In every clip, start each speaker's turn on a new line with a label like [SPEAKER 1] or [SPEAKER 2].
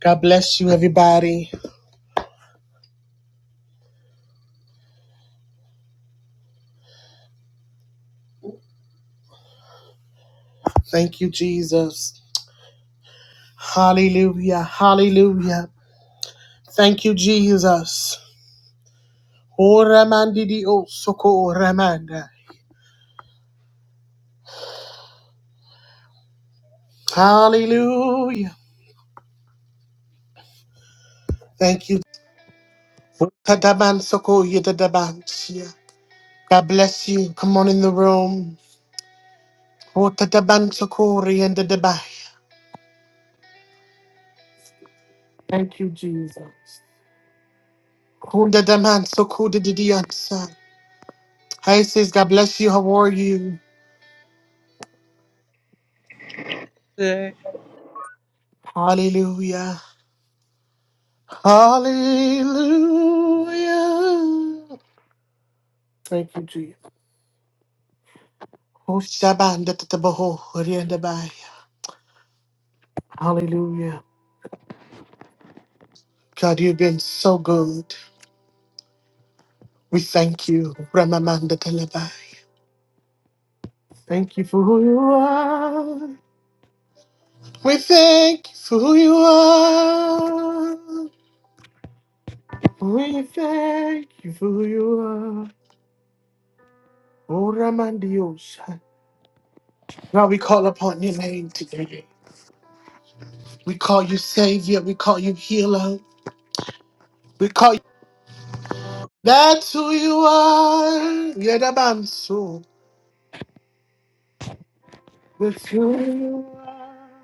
[SPEAKER 1] God bless you, everybody. Thank you, Jesus. Hallelujah. Hallelujah. Thank you, Jesus. Oh, Ramandi di osoko, soko Ramanda. Hallelujah. Thank you. Tadaban soko yedadaban siya. God bless you. Come on in the room. Oh, tadaban soko riendadabai. Thank you, Jesus. Kundadaman soko dididiansa. Hi, sis. God bless you. How are you?
[SPEAKER 2] good
[SPEAKER 1] Hallelujah. Hallelujah. Thank you, Jesus. Oh, Shabbat, da, da, da, boho, Korean, da, bye. Hallelujah. God, you've been so good. We thank you. Ramamanda Talabai. Thank you for who you are. We thank you for who you are. We thank you for who you are. Oh, Ramandios. God, we call upon your name today. We call you Savior. We call you Healer. We call That's who you are. You're the Bansu. That's who you are.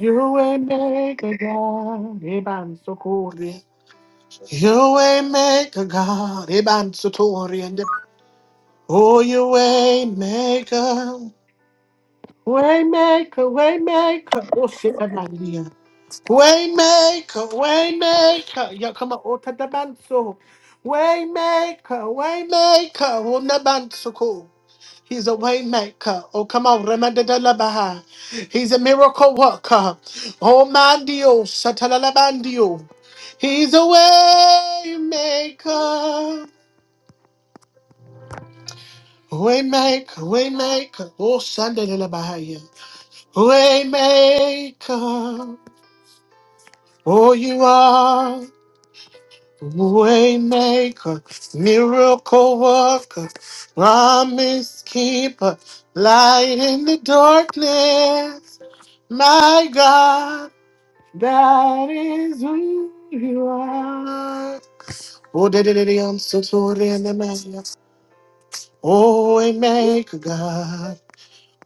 [SPEAKER 1] You ain't make a way maker, god, The Ibansu Kori. You ain't make a way maker, god, The bansu Tori. And the- oh, you ain't make a way maker, way maker. Oh, shit, I'm not here. Way maker, way maker. Yeah, come on, oh, the Bansu. Way maker, way maker. Oh, the Bansu He's a way maker. Oh, come on. Remandadalabaha. He's a miracle worker. Oh, mandio. Satalalabandio. He's a way maker. Way maker. Way maker. Oh, Sandalabahaya. Way maker. Oh, you are. Way maker. Miracle worker. Promise keeper. Light in the darkness. My God, that is who you are. Oh, did it, I'm so sorry, and I'm asking. Oh, we make a God,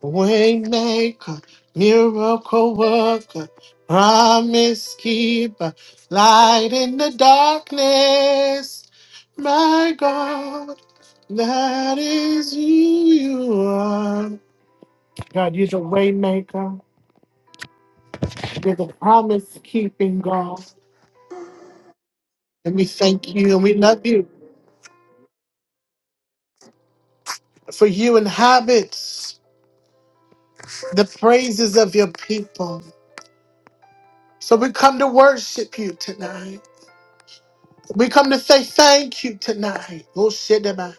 [SPEAKER 1] we make a miracle worker, promise keeper, light in the darkness. My God, that is who you are. God, you're the way maker, you're the promise keeping God. And we thank you and we love you for you inhabit the praises of your people. So we come to worship you tonight. We come to say thank you tonight. Oh shit, am I-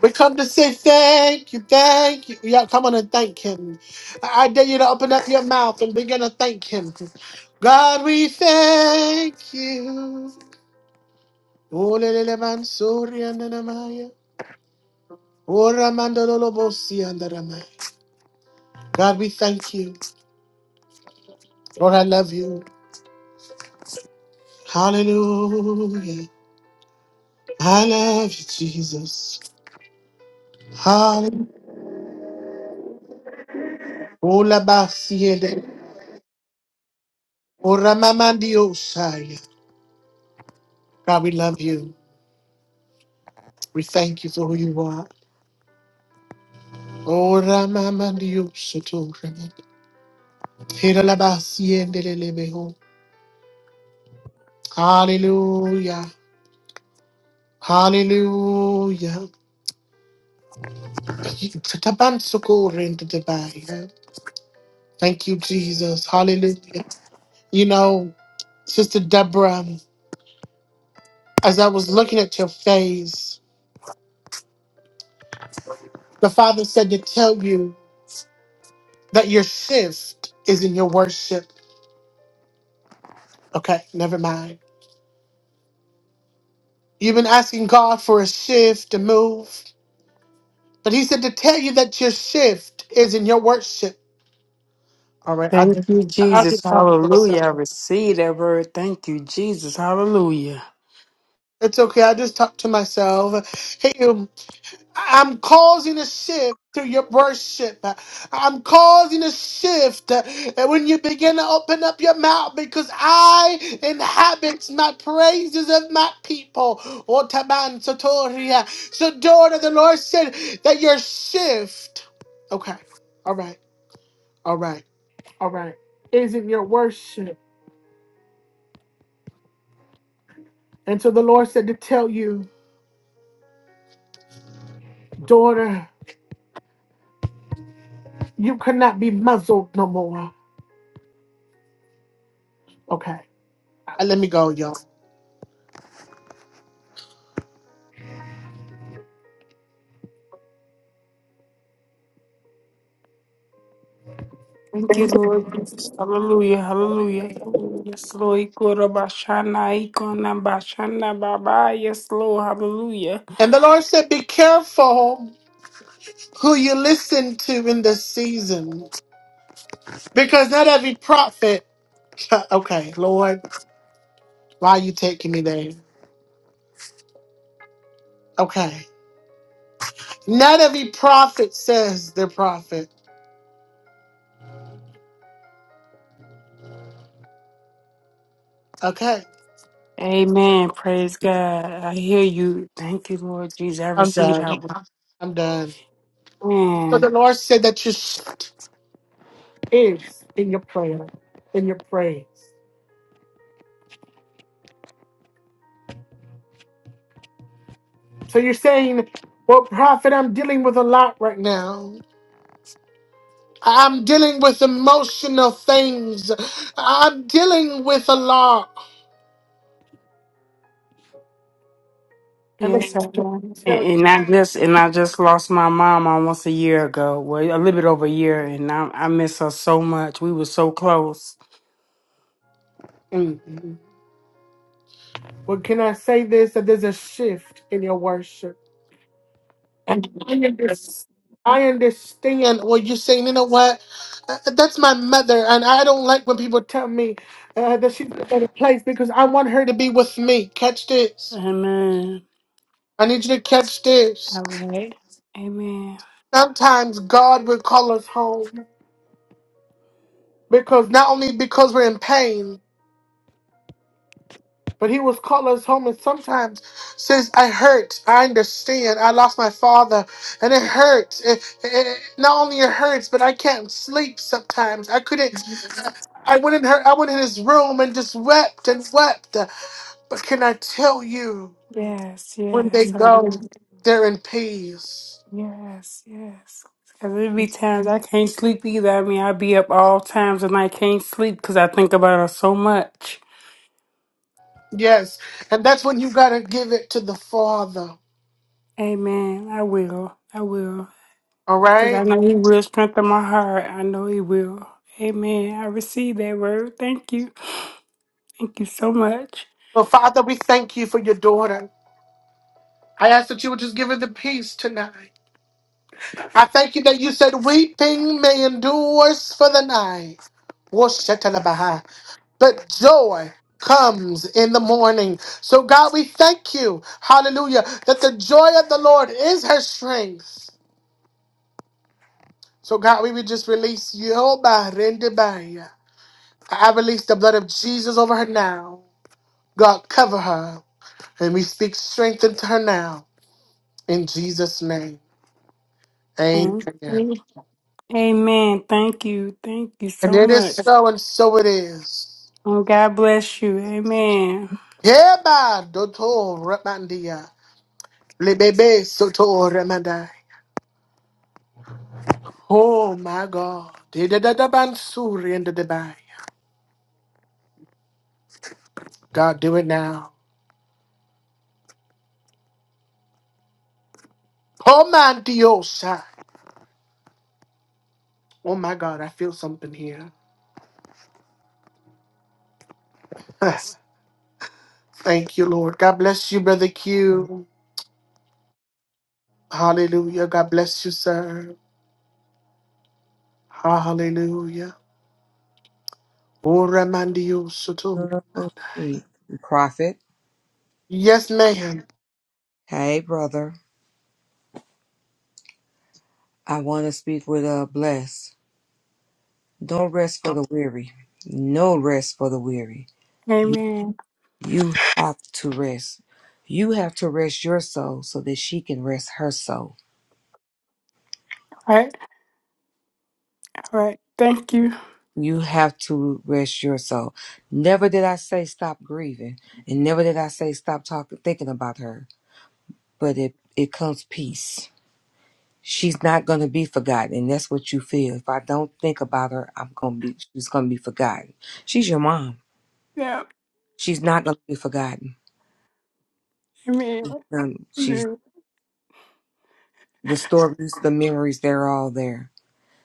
[SPEAKER 1] We come to say thank you, thank you. Yeah, come on and thank him. I I dare you to open up your mouth and begin to thank him. God, we thank you. Oh, lelele mansuri andanamaya. Oh, ramandololobosi andanamaya. God, we thank you. Lord, I love you. Hallelujah. I love you, Jesus. Hallelujah. Ola basiede. Ora mamandio saya. God, we love you. We thank you for who you are. Ora mamandio sotora. Hira la basiende lelebeho. Hallelujah. Hallelujah. Tabansuko into the bay. Thank you, Jesus. Hallelujah. You know, Sister Deborah. As I was looking at your face, the Father said to tell you that your shift is in your worship. Okay, never mind. You've been asking God for a shift to move, but He said to tell you that your shift is in your worship. All right, I
[SPEAKER 3] Thank
[SPEAKER 1] did.
[SPEAKER 3] you,
[SPEAKER 1] I I
[SPEAKER 3] Jesus.
[SPEAKER 1] just talk to
[SPEAKER 3] Hallelujah.
[SPEAKER 1] myself.
[SPEAKER 3] I receive that word. Thank you, Jesus. Hallelujah.
[SPEAKER 1] It's okay. I just talked to myself. Hey, I'm causing a shift through your worship. I'm causing a shift uh, when you begin to open up your mouth because I inhabit my praises of my people. Otaban Sotoria. So, daughter, the Lord said that your shift. Okay. All right. All right. All right. Is in your worship. And so the Lord said to tell you, daughter, you cannot be muzzled no more. Okay. Uh, Let me go, y'all.
[SPEAKER 3] Thank you, Lord Jesus. Hallelujah. Hallelujah. Hallelujah. Yes, Lord. Ikoro bashana, ikona bashana, baba. Yes, Lord. Hallelujah.
[SPEAKER 1] And the Lord said, Be careful who you listen to in this season. Because not every prophet, okay, Lord, why are you taking me there? Okay. Not every prophet says they're prophet. Okay.
[SPEAKER 3] Amen. Praise God. I hear you. Thank you, Lord Jesus. I
[SPEAKER 1] I'm
[SPEAKER 3] receive
[SPEAKER 1] done.
[SPEAKER 3] that word.
[SPEAKER 1] I'm done. But
[SPEAKER 3] Amen.
[SPEAKER 1] the Lord said that you is in your prayer, in your praise. So you're saying, Well, prophet, I'm dealing with a lot right now. I'm dealing with emotional things. I'm dealing with a lot. And
[SPEAKER 3] Yes,
[SPEAKER 1] then,
[SPEAKER 3] I am. And,
[SPEAKER 1] so,
[SPEAKER 3] and I just and I just lost my mom almost a year ago. Well, a little bit over a year, and I, I miss her so much. We were so close.
[SPEAKER 1] Mhm. well, can I say this? That there's a shift in your worship. And I understand. I understand what you're saying. You know what? Uh, that's my mother, and I don't like when people tell me uh, that she's in a better place because I want her to be with me. Catch this.
[SPEAKER 3] Amen.
[SPEAKER 1] I need you to catch
[SPEAKER 3] All
[SPEAKER 1] this.
[SPEAKER 3] right. Amen.
[SPEAKER 1] Sometimes God will call us home because not only because we're in pain. But he was calling us home, and sometimes says, "I hurt. I understand. I lost my father, and it hurts. It, it, it- not only it hurts, but I can't sleep sometimes. I couldn't.
[SPEAKER 3] Mhm.
[SPEAKER 1] I went in her. I went in his room and just wept and wept. But can I tell you,
[SPEAKER 3] Yes,
[SPEAKER 1] when they
[SPEAKER 3] yes. I
[SPEAKER 1] go,
[SPEAKER 3] know.
[SPEAKER 1] they're in peace.
[SPEAKER 3] Yes, yes. Because there be times I can't sleep either. I mean, I be up all times and I can't sleep because I think about her so much.
[SPEAKER 1] Yes, and that's when you gotta give it to the father.
[SPEAKER 3] Amen. I will. I will.
[SPEAKER 1] All
[SPEAKER 3] Because I
[SPEAKER 1] right.
[SPEAKER 3] know He will strengthen my heart. I know He will. Amen. I receive that word. Thank you. Thank you so much.
[SPEAKER 1] So, Father, we thank you for your daughter. I ask that you would just give her the peace tonight. I thank you that you said weeping may endures for the night. Woshatalabaha. But joy comes in the morning. So God, we thank you, hallelujah, that the joy of the Lord is her strength. So God, we would just release Yobarendebaya. I release the blood of Jesus over her now. God, cover her. And we speak strength into her now. In Jesus' name.
[SPEAKER 3] Thank
[SPEAKER 1] Amen.
[SPEAKER 3] you. Amen. Thank you. Thank you
[SPEAKER 1] And
[SPEAKER 3] so
[SPEAKER 1] it is
[SPEAKER 3] much.
[SPEAKER 1] so, and so it is.
[SPEAKER 3] And God bless you. Amen.
[SPEAKER 1] Yeba doto ramandia. Lebebe soto ramandai. Oh my God. Didadaban suri in the Dubai. God, do it now. Oh man diosa. Oh my God, I feel something here. Yes. Thank you, Lord. God bless you, Brother Q. Hallelujah. God bless you, sir. Hallelujah. Oh ramandio soto.
[SPEAKER 4] Purple sheep. Prophet.
[SPEAKER 1] Yes, ma'am.
[SPEAKER 4] Hey, brother. I want to speak with uh, Bless. Don't rest for the weary. No rest for the weary. You
[SPEAKER 3] Amen.
[SPEAKER 4] you have to rest. You have to rest your soul so that she can rest her soul.
[SPEAKER 3] All right, all right. Thank you.
[SPEAKER 4] You have to rest your soul. Never did I say stop grieving, and never did I say stop talking, thinking about her. But it it comes peace. she's not going to be forgotten and that's what you feel if i don't think about her i'm going to be she's going to be forgotten she's your mom
[SPEAKER 3] Yeah,
[SPEAKER 4] she's not going to be forgotten
[SPEAKER 3] amen.
[SPEAKER 4] um, she's
[SPEAKER 3] Amen.
[SPEAKER 4] the stories the memories they're all there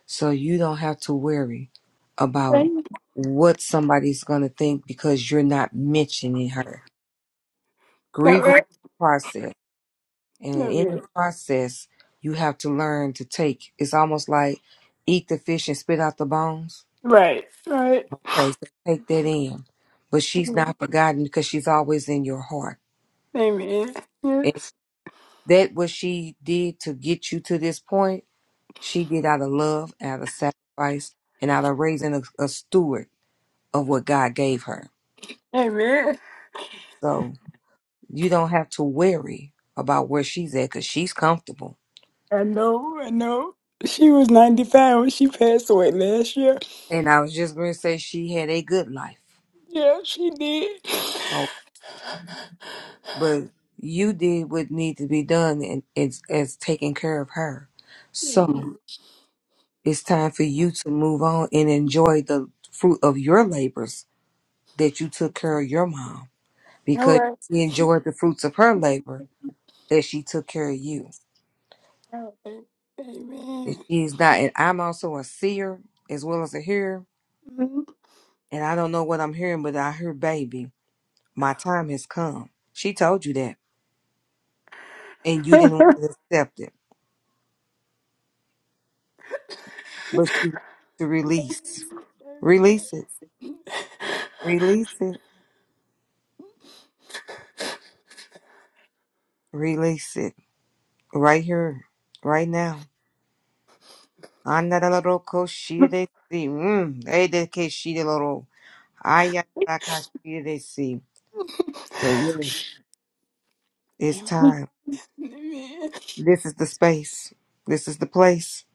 [SPEAKER 4] so you don't have to worry about
[SPEAKER 3] Thank you.
[SPEAKER 4] what somebody's going to think because you're not mentioning her
[SPEAKER 3] All
[SPEAKER 4] grieving
[SPEAKER 3] right,
[SPEAKER 4] process
[SPEAKER 3] all
[SPEAKER 4] and in the
[SPEAKER 3] right.
[SPEAKER 4] process you have to learn to take it's almost like eat the fish and spit out the bones
[SPEAKER 3] Right, right.
[SPEAKER 4] Okay, so take that in. But she's not forgotten because she's always in your heart.
[SPEAKER 3] Amen.
[SPEAKER 4] And
[SPEAKER 3] Yes.
[SPEAKER 4] that what she did to get you to this point, she did out of love, out of sacrifice, and out of raising a, a steward of what God gave her.
[SPEAKER 3] Amen.
[SPEAKER 4] So you don't have to worry about where she's at because she's comfortable.
[SPEAKER 3] I know, I know. She was 95 when she passed away last year.
[SPEAKER 4] And I was just going to say she had a good life.
[SPEAKER 3] Yeah, she did.
[SPEAKER 4] Oh. But you did what needed to be done and it's, it's taking care of her.
[SPEAKER 3] Amen.
[SPEAKER 4] So. It's time for you to move on and enjoy the fruit of your labors that you took care of your mom
[SPEAKER 3] All
[SPEAKER 4] because
[SPEAKER 3] right.
[SPEAKER 4] she enjoyed the fruits of her labor that she took care of you.
[SPEAKER 3] All right.
[SPEAKER 4] And
[SPEAKER 3] Amen.
[SPEAKER 4] she's not, and I'm also a seer as well as a hearer.
[SPEAKER 3] Mhm.
[SPEAKER 4] And I don't know what I'm hearing, but I hear, baby, my time has come. She told you that, and you didn't want to accept it, but she wants you to release, release it, release it, release it right here, right now. Andararoko shire si. Mm. Edeke shireloro. Ayaraka shire si. So yes,
[SPEAKER 3] Amen.
[SPEAKER 4] it's
[SPEAKER 3] Amen.
[SPEAKER 4] time.
[SPEAKER 3] Amen.
[SPEAKER 4] This is the space. This is the place.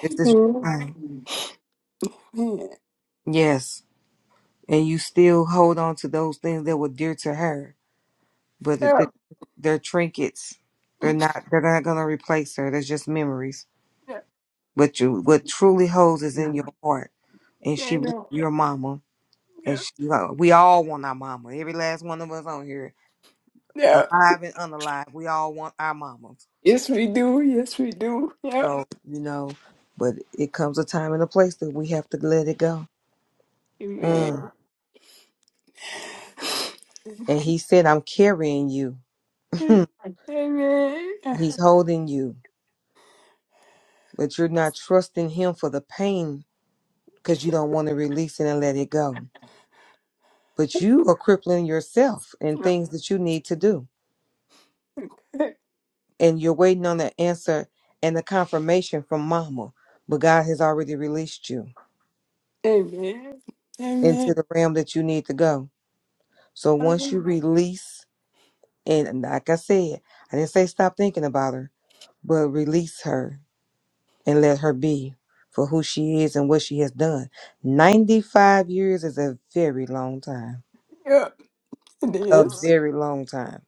[SPEAKER 4] This is your
[SPEAKER 3] Yeah.
[SPEAKER 4] time. Yes. And you still hold on to those things that were dear to her, but it- they- they're trinkets. They're not. They're not gonna replace her. They're just memories. But you, what truly holds is in your heart, and she was your mama. And she, uh, we all want our mama. Every last one of us on here alive and unalive, we all want our mamas.
[SPEAKER 3] Yes, we do. Yes, we do. Yeah.
[SPEAKER 4] So, you know, but it comes a time and a place that we have to let it go. Mm.
[SPEAKER 3] Amen.
[SPEAKER 4] And he said, I'm carrying you.
[SPEAKER 3] Amen.
[SPEAKER 4] He's holding you, but you're not trusting him for the pain because you don't want to release it and let it go. But you are crippling yourself in things that you need to do. And you're waiting on the answer and the confirmation from mama. But God has already released you
[SPEAKER 3] Amen.
[SPEAKER 4] into the realm that you need to go. So once you
[SPEAKER 3] Amen.
[SPEAKER 4] release And like I said, I didn't say stop thinking about her, but release her and let her be for who she is and what she has done. 95 years is a very long time.
[SPEAKER 3] Yeah. It
[SPEAKER 4] A
[SPEAKER 3] is.
[SPEAKER 4] very long time.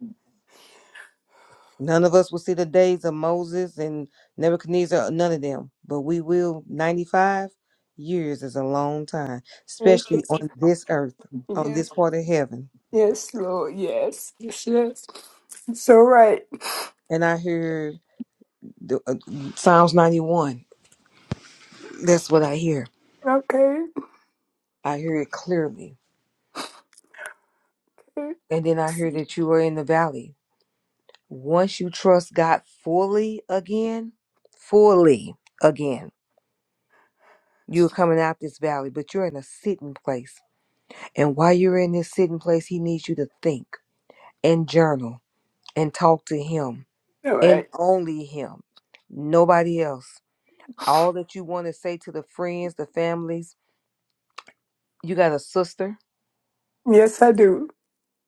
[SPEAKER 4] None of us will see the days of Moses and Nebuchadnezzar, none of them, but we will. 95 years is a long time,
[SPEAKER 3] Yes.
[SPEAKER 4] especially on this earth, on
[SPEAKER 3] Yes.
[SPEAKER 4] this part of heaven.
[SPEAKER 3] Yes, Lord. Yes. Yes. Yes. It's all right.
[SPEAKER 4] And I hear the, uh, Psalms 91. That's what I hear.
[SPEAKER 3] Okay.
[SPEAKER 4] I hear it clearly And then I hear that you are in the valley. Once you trust God fully again, fully again, you're coming out this valley, but you're in a sitting place. And while you're in this sitting place, He needs you to think and journal and talk to Him
[SPEAKER 3] All
[SPEAKER 4] and
[SPEAKER 3] right.
[SPEAKER 4] only Him, nobody else. All that you want to say to the friends, the families, you got a sister.
[SPEAKER 3] Yes, I do.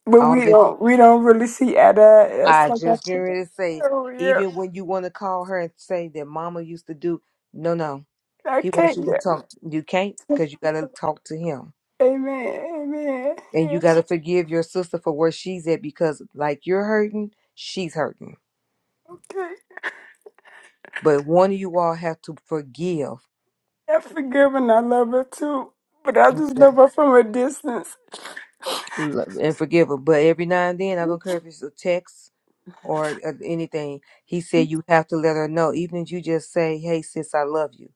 [SPEAKER 3] But
[SPEAKER 4] All
[SPEAKER 3] we
[SPEAKER 4] that
[SPEAKER 3] don't we don't really see eye to eye. It's
[SPEAKER 4] I
[SPEAKER 3] like I
[SPEAKER 4] just getting
[SPEAKER 3] said.
[SPEAKER 4] ready to say,
[SPEAKER 3] Oh yeah.
[SPEAKER 4] even when you want to call her and say that mama used to do, no, no.
[SPEAKER 3] I
[SPEAKER 4] He wants
[SPEAKER 3] can't
[SPEAKER 4] you to
[SPEAKER 3] yet.
[SPEAKER 4] talk. You can't because you got to talk to him.
[SPEAKER 3] Amen. Amen.
[SPEAKER 4] And you got
[SPEAKER 3] Yes.
[SPEAKER 4] to forgive your sister for where she's at because, like, you're hurting, she's hurting.
[SPEAKER 3] Okay.
[SPEAKER 4] But one of you all have to forgive
[SPEAKER 3] I forgive and I love her too. But I
[SPEAKER 4] and
[SPEAKER 3] just love her from a distance.
[SPEAKER 4] forgive her. But every now and then, I don't care if it's a text or uh, anything, he said you have to let her know. Even if you just say, hey, sis, I love you.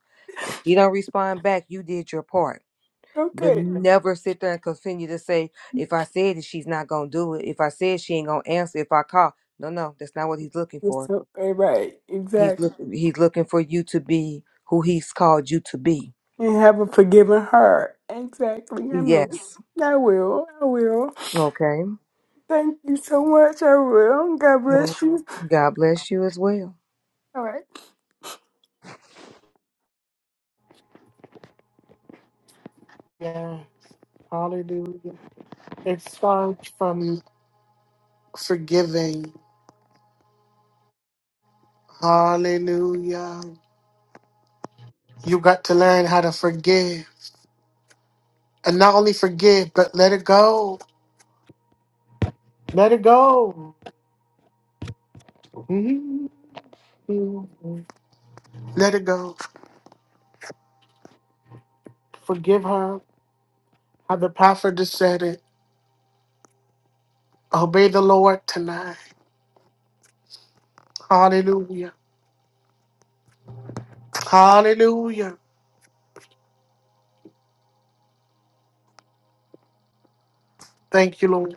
[SPEAKER 4] If she don't respond back, you did your part But
[SPEAKER 3] Okay.
[SPEAKER 4] never sit there and continue to say, if I said it, she's not gonna do it. If I said she ain't gonna answer, if I call. No, no, that's not what he's looking
[SPEAKER 3] It's
[SPEAKER 4] for.
[SPEAKER 3] okay, right.
[SPEAKER 4] He's
[SPEAKER 3] Exactly.
[SPEAKER 4] looking he's looking for you to be who he's called you to be.
[SPEAKER 3] And have a forgiving heart. Exactly. I know.
[SPEAKER 4] Yes.
[SPEAKER 3] I will. I will.
[SPEAKER 4] Okay.
[SPEAKER 3] Thank you so much. I will. God
[SPEAKER 4] So,
[SPEAKER 3] bless you.
[SPEAKER 4] God bless you as well.
[SPEAKER 3] All right.
[SPEAKER 1] Yeah. Hallelujah. It's far from forgiving. Hallelujah. You got to learn how to forgive. And not only forgive, but let it go. Let it go. Mhm. Let it go. Forgive her. How the prophet just said it. Obey the Lord tonight. Hallelujah. Hallelujah. Thank you, Lord.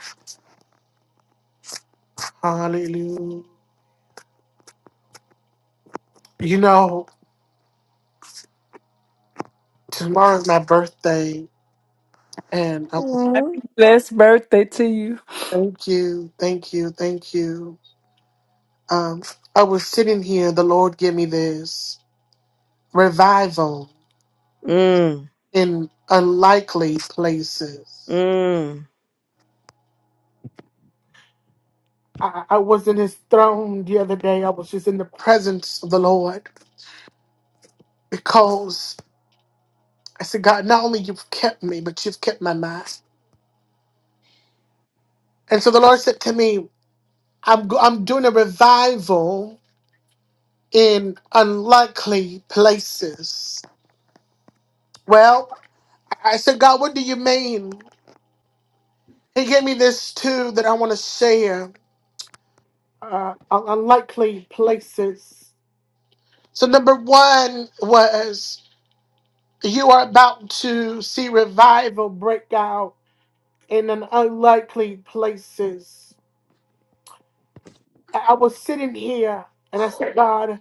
[SPEAKER 1] Hallelujah. You know, tomorrow's my birthday, and I would
[SPEAKER 4] Mm.
[SPEAKER 3] Happy blessed birthday to you.
[SPEAKER 1] thank you, thank you, thank you. Um, I was sitting here, the Lord gave me this. revival
[SPEAKER 4] Mm.
[SPEAKER 1] in unlikely places.
[SPEAKER 4] Mm.
[SPEAKER 1] I, I was in his throne the other day. I was just in the presence of the Lord because I said, God, not only you've kept me, but you've kept my mind. And so the Lord said to me, I'm, go- I'm doing a revival in unlikely places. Well, I I said, God, what do you mean? He gave me this too that I want to share. Uh, un- unlikely places. So, number one was you are about to see revival break out in an unlikely places. I I was sitting here and I said, God,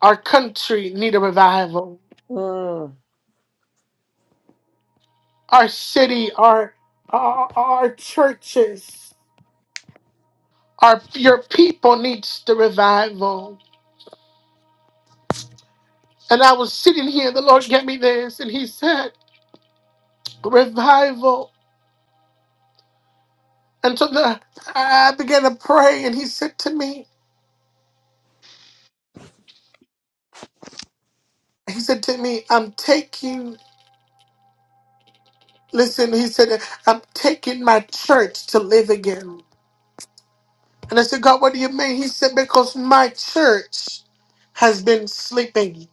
[SPEAKER 1] our country need a revival.
[SPEAKER 4] Mm.
[SPEAKER 1] Our city, our our, our churches, our your people needs the revival. And I was sitting here, the Lord gave me this, and He said, revival. And so the, I I began to pray, and He said to me. He said to me, I'm taking, listen, he said, I'm taking my church to live again. And I said, God, what do you mean? He said, because my church has been sleeping.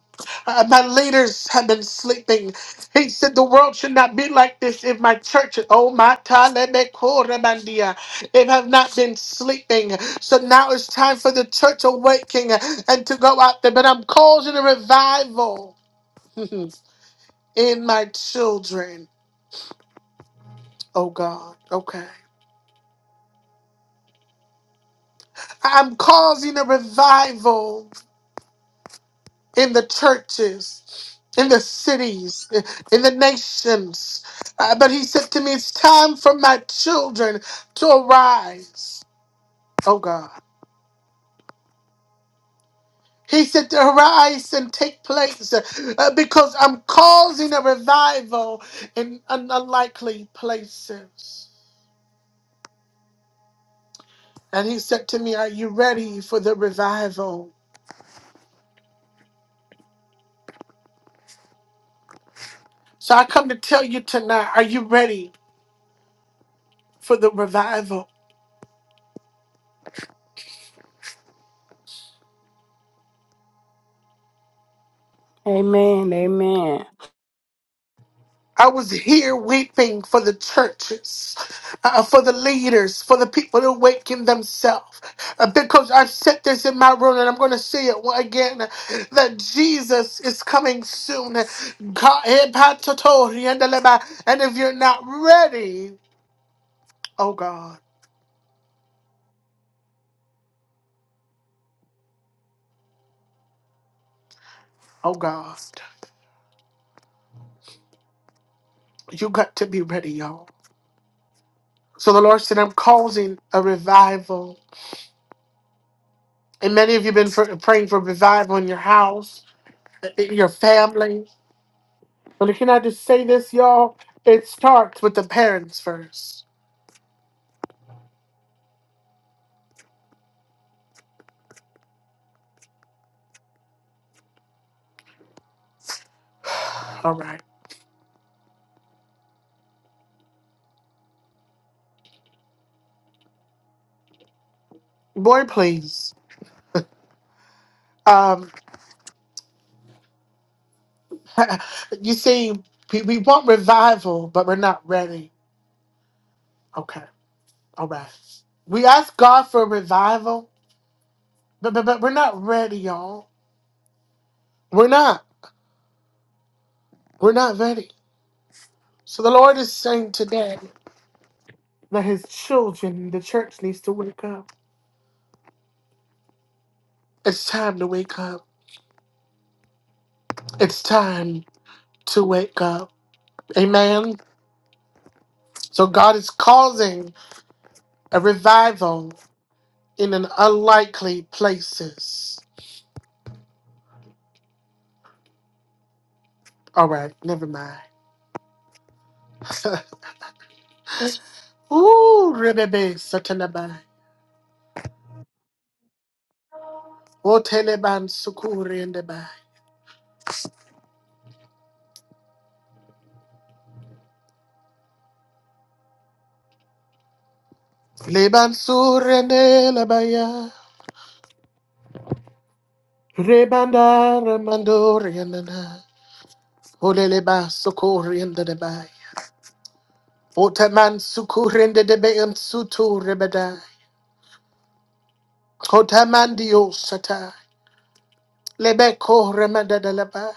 [SPEAKER 1] Uh, my leaders have been sleeping. He said, the world should not be like this if my church, oh my, Talebekorabandia, it have not been sleeping. So now it's time for the church awakening and to go out there. But I'm causing a revival in my children. Oh God, okay. I'm causing a revival in the churches, in the cities, in the nations. Uh, but he said to me, It's time for my children to arise. Oh God. He said to arise and take place uh, because I'm causing a revival in un- unlikely places. And he said to me, Are you ready for the revival? So I come to tell you tonight, are you ready? for the revival.
[SPEAKER 3] Amen. Amen.
[SPEAKER 1] I was here weeping for the churches, uh, for the leaders, for the people to awaken themselves. Uh, because I've said this in my room and I'm going to say it again that Jesus is coming soon. Ka- eh, patotori, and the leba- and if you're not ready, oh God, oh God, you got to be ready, y'all. So the Lord said, I'm causing a revival. And many of you have been pr- praying for revival in your house, in your family. But can I just say this, y'all? It starts with the parents first. All right. Boy, please. Um, you see, we, we want revival, but we're not ready. Okay. All right. We ask God for revival, but, but, but we're not ready, y'all. We're not. We're not ready. So the Lord is saying today that his children, the church needs to wake up. It's time to wake up. It's time to wake up. Amen. So God is causing a revival in an unlikely places. All right, never mind. Ooh, rebebe satanabai. Oteleban sukuriendebai. Leban surendelabaya. Rebanda remandorienana. Oleleba sukuriendebai. Otaman sukurendebe and sutu rebedai. Otamandio satai. Lebeko remandalabai.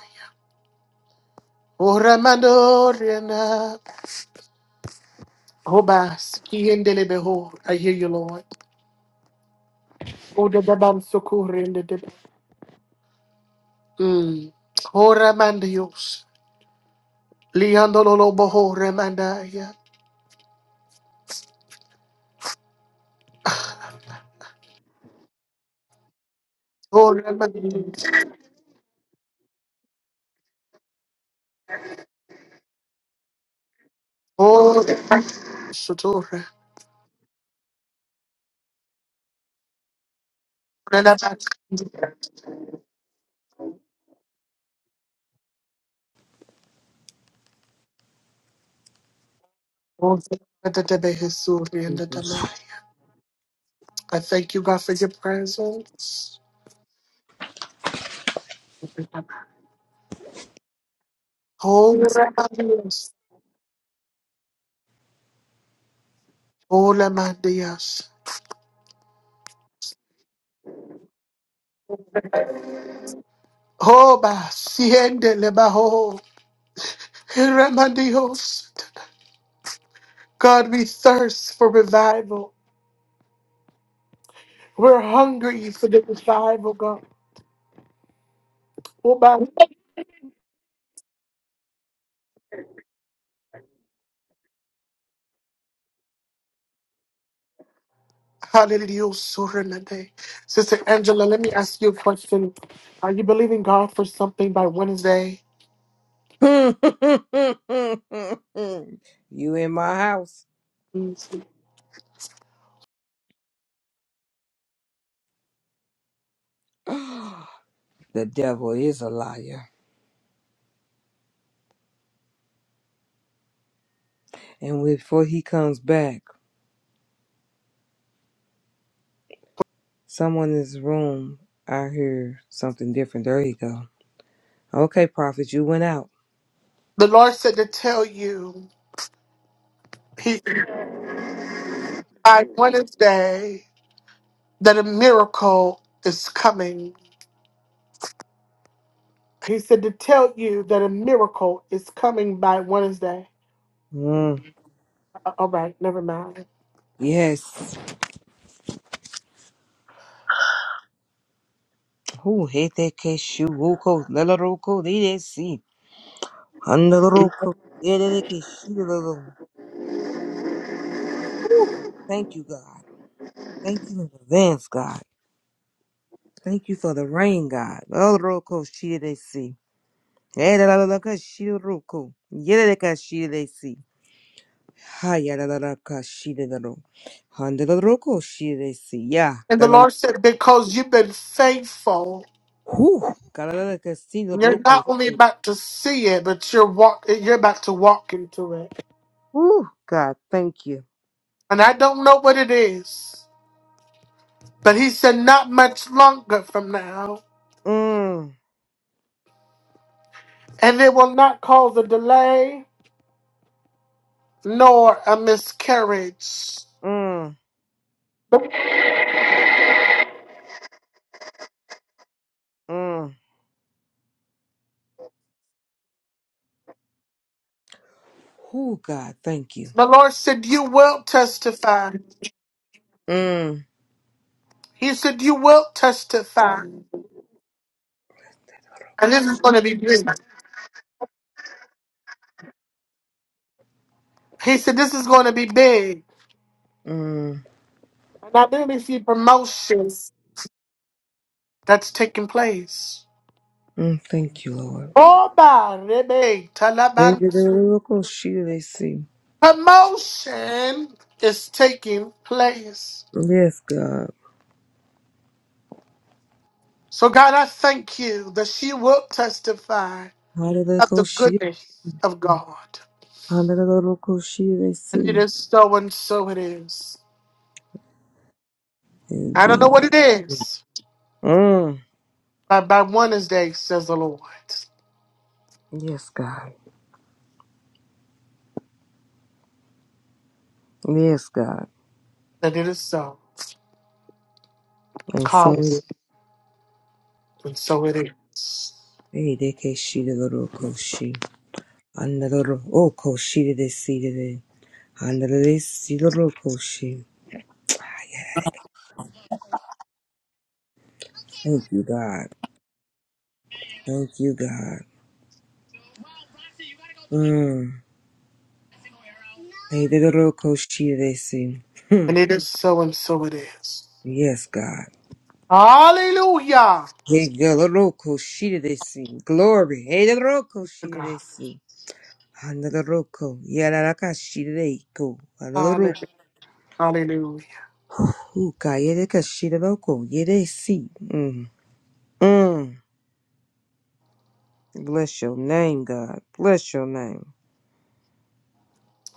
[SPEAKER 1] Oramandorena. Obas. Kiendelebeho. I hear you, Lord. Odababan sokurendedebe. Mm. Oramandios. Liandololoboho remandaya. Oramandios. Ora. Sotora. Renabat.
[SPEAKER 4] Jesus.
[SPEAKER 1] Oramandadebehesuriendedamaya. I thank you, God, for your presence. Oramandios. Oramandios. Oba. Siendelebaho. Ramandios. God, we thirst for revival. We're hungry for the revival, God. Oh, my- Hallelujah. Sorinade. Sister Angela, let me ask you a question. Are you believing God for something by Wednesday?
[SPEAKER 4] you in my house.
[SPEAKER 1] The
[SPEAKER 4] the devil is a liar. And before he comes back. Someone in this room, I hear something different. There you go. Okay, prophet, you went out.
[SPEAKER 1] Lord said to tell you he, by Wednesday that a miracle is coming. He said to tell you that a miracle is coming by Wednesday.
[SPEAKER 4] Mm,
[SPEAKER 1] A- All right, never mind.
[SPEAKER 4] yes. Who hit that cashew? Woko, Nelaroko, they see. Handaroko, Yerekishiro. Woo. Thank you, God. Thank you in advance, God. Thank you for the rain, God. Nelaroko, Shiresi. Yerelaroko, Shiroko. Yereka, Shiresi. Hayalaraka, Shirelaro. Handaroko, Shiresi.
[SPEAKER 1] And the
[SPEAKER 4] Yeah.
[SPEAKER 1] Lord said, because you've been faithful
[SPEAKER 4] Whew. Galala Casino
[SPEAKER 1] You're
[SPEAKER 4] Roco.
[SPEAKER 1] not only about to see it, but you're walk. You're about to walk into it,
[SPEAKER 4] Whew. God, thank you.
[SPEAKER 1] and I don't know what it is. But he said, not much longer from now,
[SPEAKER 4] Mm,
[SPEAKER 1] and it will not cause a delay nor a miscarriage.
[SPEAKER 4] mm, mm. Whew, God, thank you.
[SPEAKER 1] The Lord said, you will testify.
[SPEAKER 4] Mm,
[SPEAKER 1] He said, you will testify, and this is going to be big. He said, this is going to be big,
[SPEAKER 4] mm,
[SPEAKER 1] and I really see promotions that's taking place.
[SPEAKER 4] mm. Thank you, Lord.
[SPEAKER 1] Oh, by Rebe
[SPEAKER 4] They did a
[SPEAKER 1] Talabansu.
[SPEAKER 4] little coaster, they see.
[SPEAKER 1] Promotion is taking place.
[SPEAKER 4] Yes, God.
[SPEAKER 1] So, God, I thank you that she will testify
[SPEAKER 4] How did they
[SPEAKER 1] of
[SPEAKER 4] go
[SPEAKER 1] the goodness of God.
[SPEAKER 4] How did the local she they
[SPEAKER 1] And it
[SPEAKER 4] see?
[SPEAKER 1] is so and so it is.
[SPEAKER 4] And
[SPEAKER 1] I don't know
[SPEAKER 4] be.
[SPEAKER 1] what it is,
[SPEAKER 4] Mm.
[SPEAKER 1] but by Wednesday, says the Lord,
[SPEAKER 4] Yes, God. Yes, God.
[SPEAKER 1] that it is so.
[SPEAKER 4] And so
[SPEAKER 1] Call it,
[SPEAKER 4] it.
[SPEAKER 1] and so it is.
[SPEAKER 4] Hey, they can see the little koshi. Another oh koshi they see today. Handelelesirokoshi.
[SPEAKER 5] Okay.
[SPEAKER 4] Thank you, God. Thank you, God.
[SPEAKER 5] Well, Roxy, you gotta go through it.
[SPEAKER 4] Mm.
[SPEAKER 5] Single arrow. No.
[SPEAKER 4] Hey, the rokoshi they see. Hmm.
[SPEAKER 1] And it is so and so it is.
[SPEAKER 4] Yes, God.
[SPEAKER 1] Hallelujah
[SPEAKER 4] Hey, Dodorokoshi, they see. Glory. Hey,
[SPEAKER 1] to
[SPEAKER 4] Dodorokoshi,
[SPEAKER 1] God.
[SPEAKER 4] they see. Handeloroko. Yararakashi, they go. Handeloroko.
[SPEAKER 1] Hallelujah. Hallelujah.
[SPEAKER 4] Yeah, they see. Mm. Mm. Bless your name, God. Bless your name.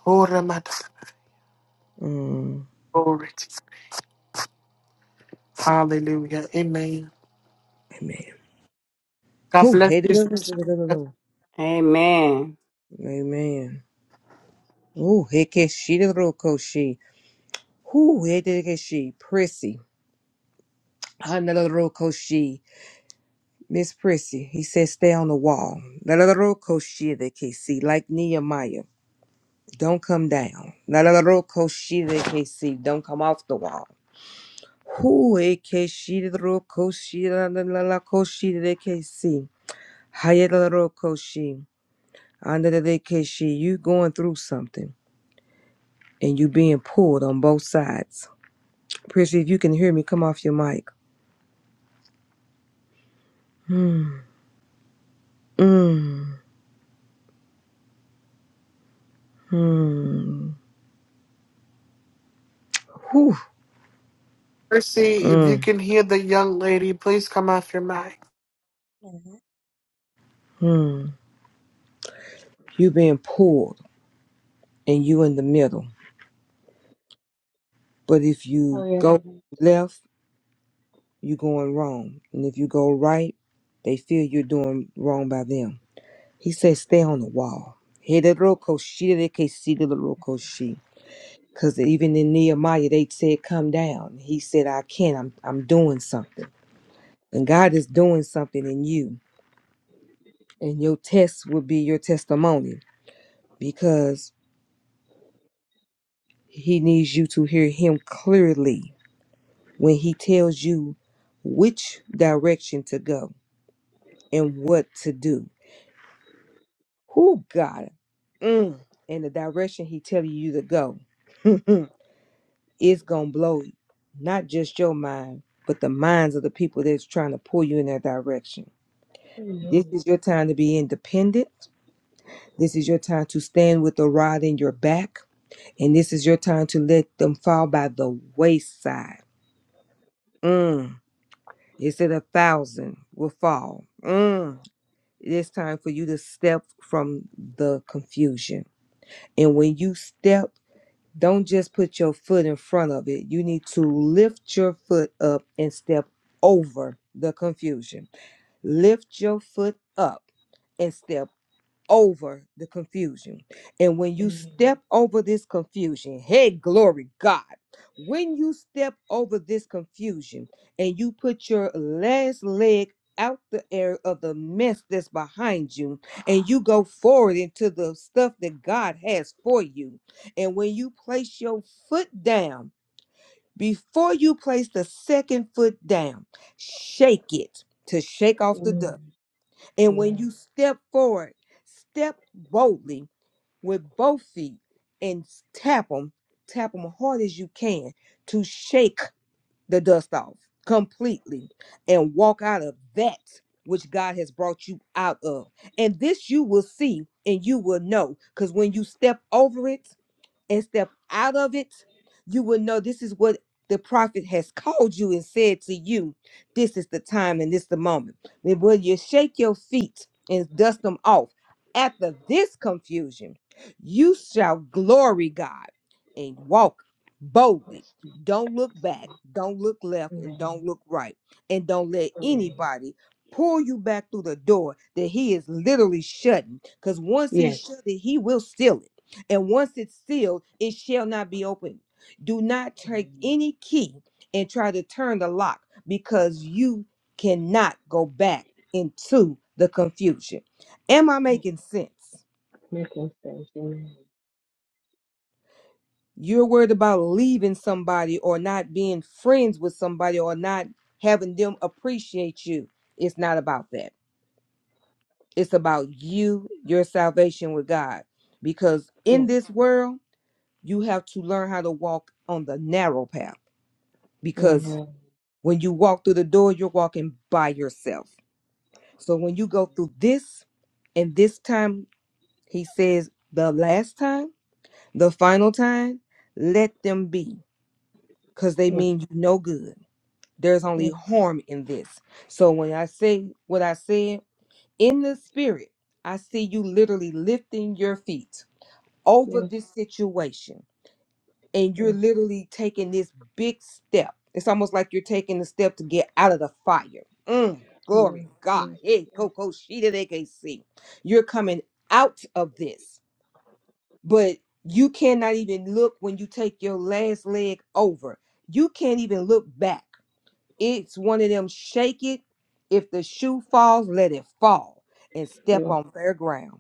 [SPEAKER 1] Ora mata-
[SPEAKER 4] Mm.
[SPEAKER 1] Glory to- Hallelujah. Amen.
[SPEAKER 4] Amen.
[SPEAKER 1] God
[SPEAKER 4] Oh,
[SPEAKER 1] bless
[SPEAKER 4] hey,
[SPEAKER 1] you. Sister Stephanie.
[SPEAKER 4] the.
[SPEAKER 3] Amen.
[SPEAKER 4] Amen. Ooh, Hekeshi the Rokoshi. Who Hekeshi? Prissy. Another Rokoshi. Miss Prissy. He said, stay on the wall. Another Rokoshi the KC, like Nehemiah. Don't come down. Another Rokoshi the KC. Don't come off the wall. Who Hekeshi the Rokoshi? Another Rokoshi the KC. Hayata Rokoshi. Another the KC. You going through something and you being pulled on both sides. Prissy, if you can hear me, come off your mic. Mm, mm, mm. Whew.
[SPEAKER 1] Mercy, if you
[SPEAKER 4] Mm,
[SPEAKER 1] can hear the young lady, please come off your mic.
[SPEAKER 6] Amen.
[SPEAKER 4] mm. You being pulled and you in the middle. But if you
[SPEAKER 6] Hallelujah.
[SPEAKER 4] go left, you going wrong. And if you go right, they feel you're doing wrong by them. He says, stay on the wall. Because even in Nehemiah, they said, come down. He said, I can't. I'm, I'm doing something. And God is doing something in you. And your test will be your testimony because he needs you to hear him clearly when he tells you which direction to go and what to do. Who God? Mm. And the direction he telling you to go, it's gonna blow not just your mind, but the minds of the people that's trying to pull you in that direction. This
[SPEAKER 6] Amen.
[SPEAKER 4] is your time to be independent. This is your time to stand with the rod in your back. And this is your time to let them fall by the wayside. Mm. It said a thousand will fall. Mm. It's time for you to step from the confusion. And when you step, don't just put your foot in front of it. You need to lift your foot up and step over the confusion. Lift your foot up and step over the confusion. And when you
[SPEAKER 6] Amen.
[SPEAKER 4] step over this confusion, hey, glory God, when you step over this confusion and you put your last leg out the area of the mess that's behind you and you go forward into the stuff that God has for you. And when you place your foot down, before you place the second foot down, shake it to shake off the dust.
[SPEAKER 6] Amen.
[SPEAKER 4] And when you step forward, step boldly with both feet and tap them, tap them hard as you can to shake the dust off completely and walk out of that which God has brought you out of. And this you will see and you will know because when you step over it, and step out of it, you will know this is what the prophet has called you and said to you. This is the time and this is the moment. Then when you shake your feet and dust them off, after this confusion, you shall glory God and walk boldly.
[SPEAKER 6] Yes, Jesus.
[SPEAKER 4] Don't look back, don't look left, and don't
[SPEAKER 6] Amen.
[SPEAKER 4] look right. And don't let
[SPEAKER 6] Amen.
[SPEAKER 4] anybody pull you back through the door that he is literally shutting. Because once he
[SPEAKER 6] Yes.
[SPEAKER 4] shut it, he will seal it and once it's sealed, it shall not be opened. Do not take
[SPEAKER 6] Amen.
[SPEAKER 4] any key and try to turn the lock because you cannot go back into the confusion. Am I
[SPEAKER 6] Yes.
[SPEAKER 4] making sense?
[SPEAKER 6] Making sense. Amen.
[SPEAKER 4] You're worried about leaving somebody or not being friends with somebody or not having them appreciate you. It's not about that. It's about you, your salvation with God. Because in
[SPEAKER 6] Yes.
[SPEAKER 4] this world, you have to learn how to walk on the narrow path because
[SPEAKER 6] Amen.
[SPEAKER 4] When you walk through the door, you're walking by yourself. So when you go through this, and this time, he says, the last time, the final time, let them be, because they
[SPEAKER 6] Yes.
[SPEAKER 4] mean you no good. There's only
[SPEAKER 6] Yes.
[SPEAKER 4] harm in this. So when I say what I said, in the spirit, I see you literally lifting your feet over
[SPEAKER 6] Yes.
[SPEAKER 4] this situation and you're
[SPEAKER 6] Yes.
[SPEAKER 4] literally taking this big step. It's almost like you're taking a step to get out of the fire. Mm,
[SPEAKER 6] Yes.
[SPEAKER 4] glory
[SPEAKER 6] Yes.
[SPEAKER 4] God.
[SPEAKER 6] Yes.
[SPEAKER 4] Hey, Coco, she did AKC. You're coming out of this, but you cannot even look when you take your last leg over. You can't even look back. It's one of them shake it. If the shoe falls, let it fall and step
[SPEAKER 6] Yes.
[SPEAKER 4] on fair ground.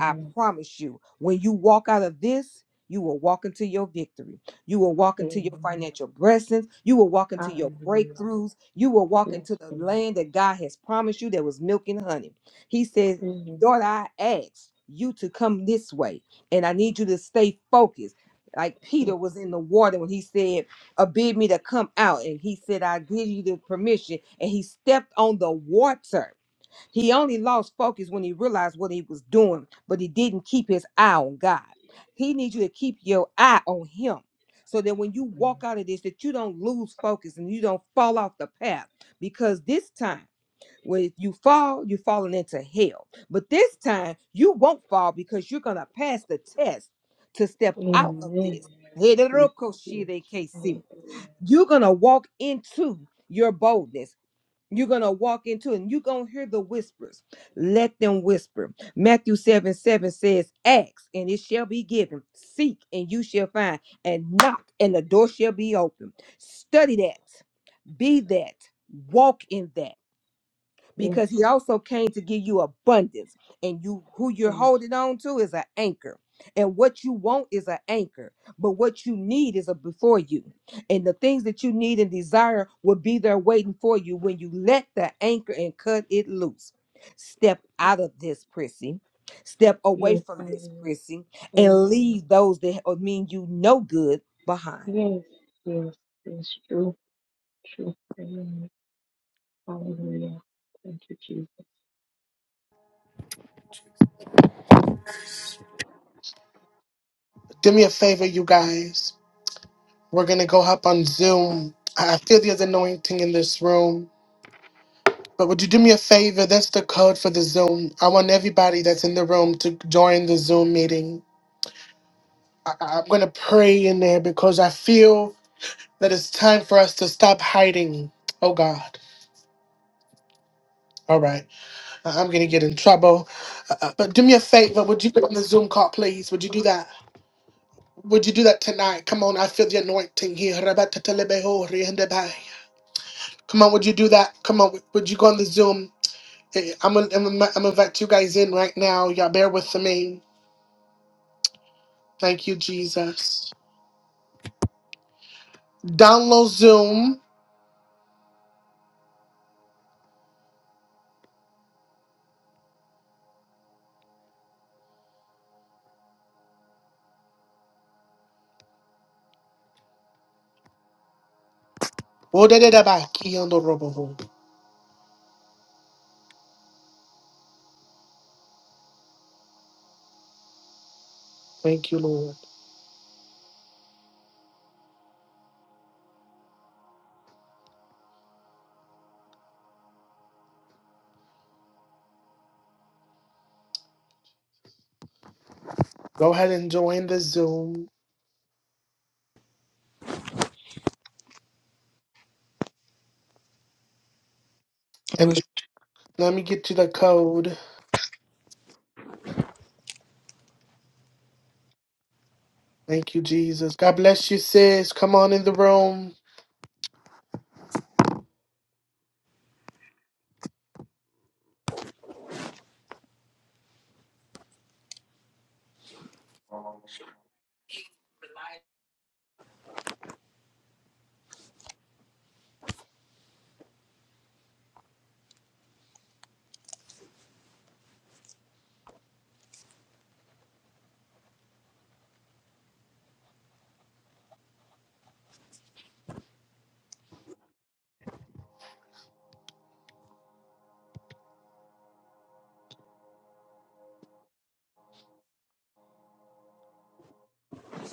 [SPEAKER 4] I promise you, when you walk out of this, you will walk into your victory. You will walk into your
[SPEAKER 6] Amen.
[SPEAKER 4] financial blessings. You will walk into your
[SPEAKER 6] Hallelujah.
[SPEAKER 4] breakthroughs. You will walk
[SPEAKER 6] Yes,
[SPEAKER 4] into the
[SPEAKER 6] Lord.
[SPEAKER 4] land that God has promised you that was milk and honey. He says,
[SPEAKER 6] Yes,
[SPEAKER 4] Daughter, I asked you to come this way, and I need you to stay focused. Like Peter was in the water when he said, uh, Bid me to come out. And he said, I give you the permission. And he stepped on the water he only lost focus when he realized what he was doing, but he didn't keep his eye on God. He needs you to keep your eye on him so that when you walk out of this, that you don't lose focus and you don't fall off the path. Because this time, when you fall, you're falling into hell. But this time, you won't fall because you're going to pass the test to
[SPEAKER 6] Lord.
[SPEAKER 4] step out of
[SPEAKER 6] Amen.
[SPEAKER 4] this.
[SPEAKER 6] Yes,
[SPEAKER 4] You're going
[SPEAKER 6] Jesus. Yes. Hallelujah.
[SPEAKER 4] to walk into your boldness. You're going to walk into it and you're going to hear the whispers. Let them whisper. Matthew 7 7 says, Ask and it shall be given. Seek and you shall find. And knock and the door shall be open. Study that. Be that. Walk in that
[SPEAKER 6] Yes.
[SPEAKER 4] because he also came to give you abundance and you who you're
[SPEAKER 6] Yes.
[SPEAKER 4] holding on to is an anchor and what you want is an anchor but what you need is a before you and the things that you need and desire will be there waiting for you when you let the anchor and cut it loose step out of this prissy step away
[SPEAKER 6] Yes.
[SPEAKER 4] from this
[SPEAKER 6] Amen.
[SPEAKER 4] prissy and
[SPEAKER 6] Amen.
[SPEAKER 4] leave those that ha- mean you no good behind
[SPEAKER 6] Yes, yes, yes, true, true. Amen. Hallelujah. Thank you, Jesus.
[SPEAKER 1] Do me a favor, you guys. We're going to go hop on Zoom. I I feel there's anointing in this room. But would you do me a favor? That's the code for the Zoom. I want everybody that's in the room to join the Zoom meeting. I- I- I'm going to pray in there because I feel that it's time for us to stop hiding. Oh, God. All right. I- I'm going to get in trouble. Uh, uh, but do me a favor. Would you put on the Zoom call, please? Would you do that? Would you do that tonight? Come on, I feel the anointing here. Rabatatelebeho, rihendebai. Come on, would you do that? Come on, would would you go on the Zoom? Eh, I'm gonna I'm gonna- I'm gonna invite you guys in right now. Y'all bear with me. Thank you, Jesus. Download Zoom. Odededabaiki ondoroboho. Thank you, Lord. Go ahead and join the Zoom. And
[SPEAKER 4] Let's-
[SPEAKER 1] let me get you the code. Thank you, Jesus. God bless you, sis. Come on in the room.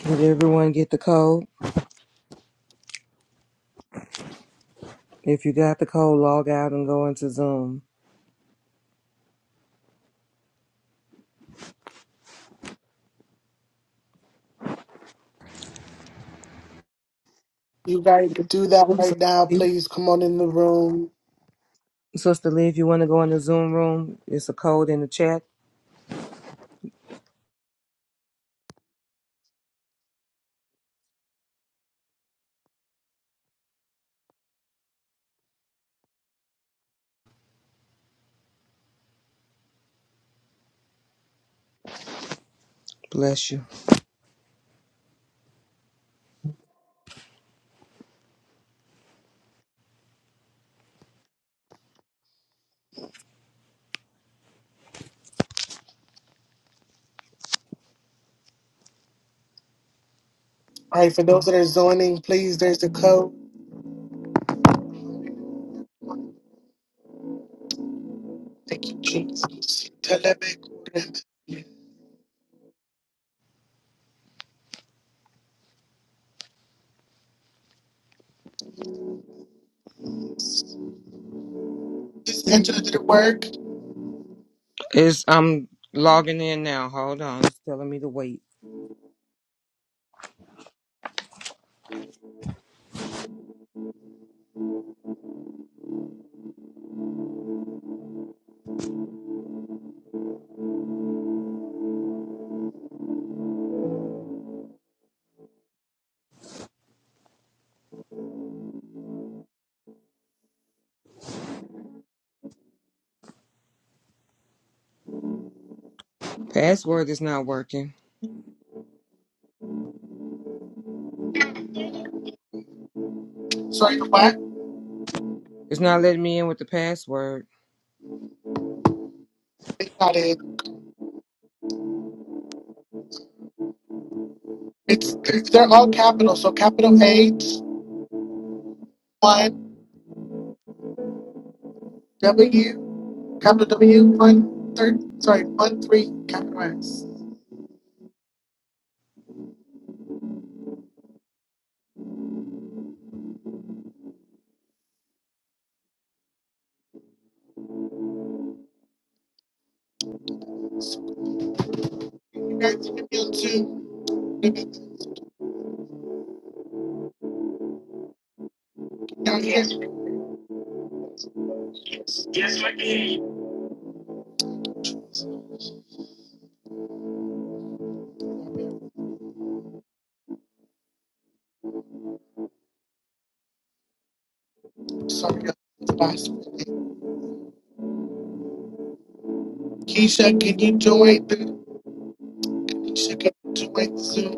[SPEAKER 4] Did everyone get the code? If you got the code, log out and go into Zoom.
[SPEAKER 1] You guys can do that right now. Please come on in the room.
[SPEAKER 4] Sister Lee, if you want to go in the Zoom room, it's a code in the chat. Bless you.
[SPEAKER 1] All right, for those that are zoning, please, there's the code. Thank you, Jesus. Telemekurem. This engine didn't work.
[SPEAKER 4] It's I'm logging in now. Hold on. It's telling me to wait. Password is not working.
[SPEAKER 1] Sorry, what?
[SPEAKER 4] It's not letting me in with the password.
[SPEAKER 1] They got it. It's, it's they're all capital. So capital H one W capital W one third sorry one three capital S. You guys can be on Zoom. You can down here. Yes, we can. Sorry, y'all. It's last minute. Keisha, can you join? the- Keisha, can you join Zoom?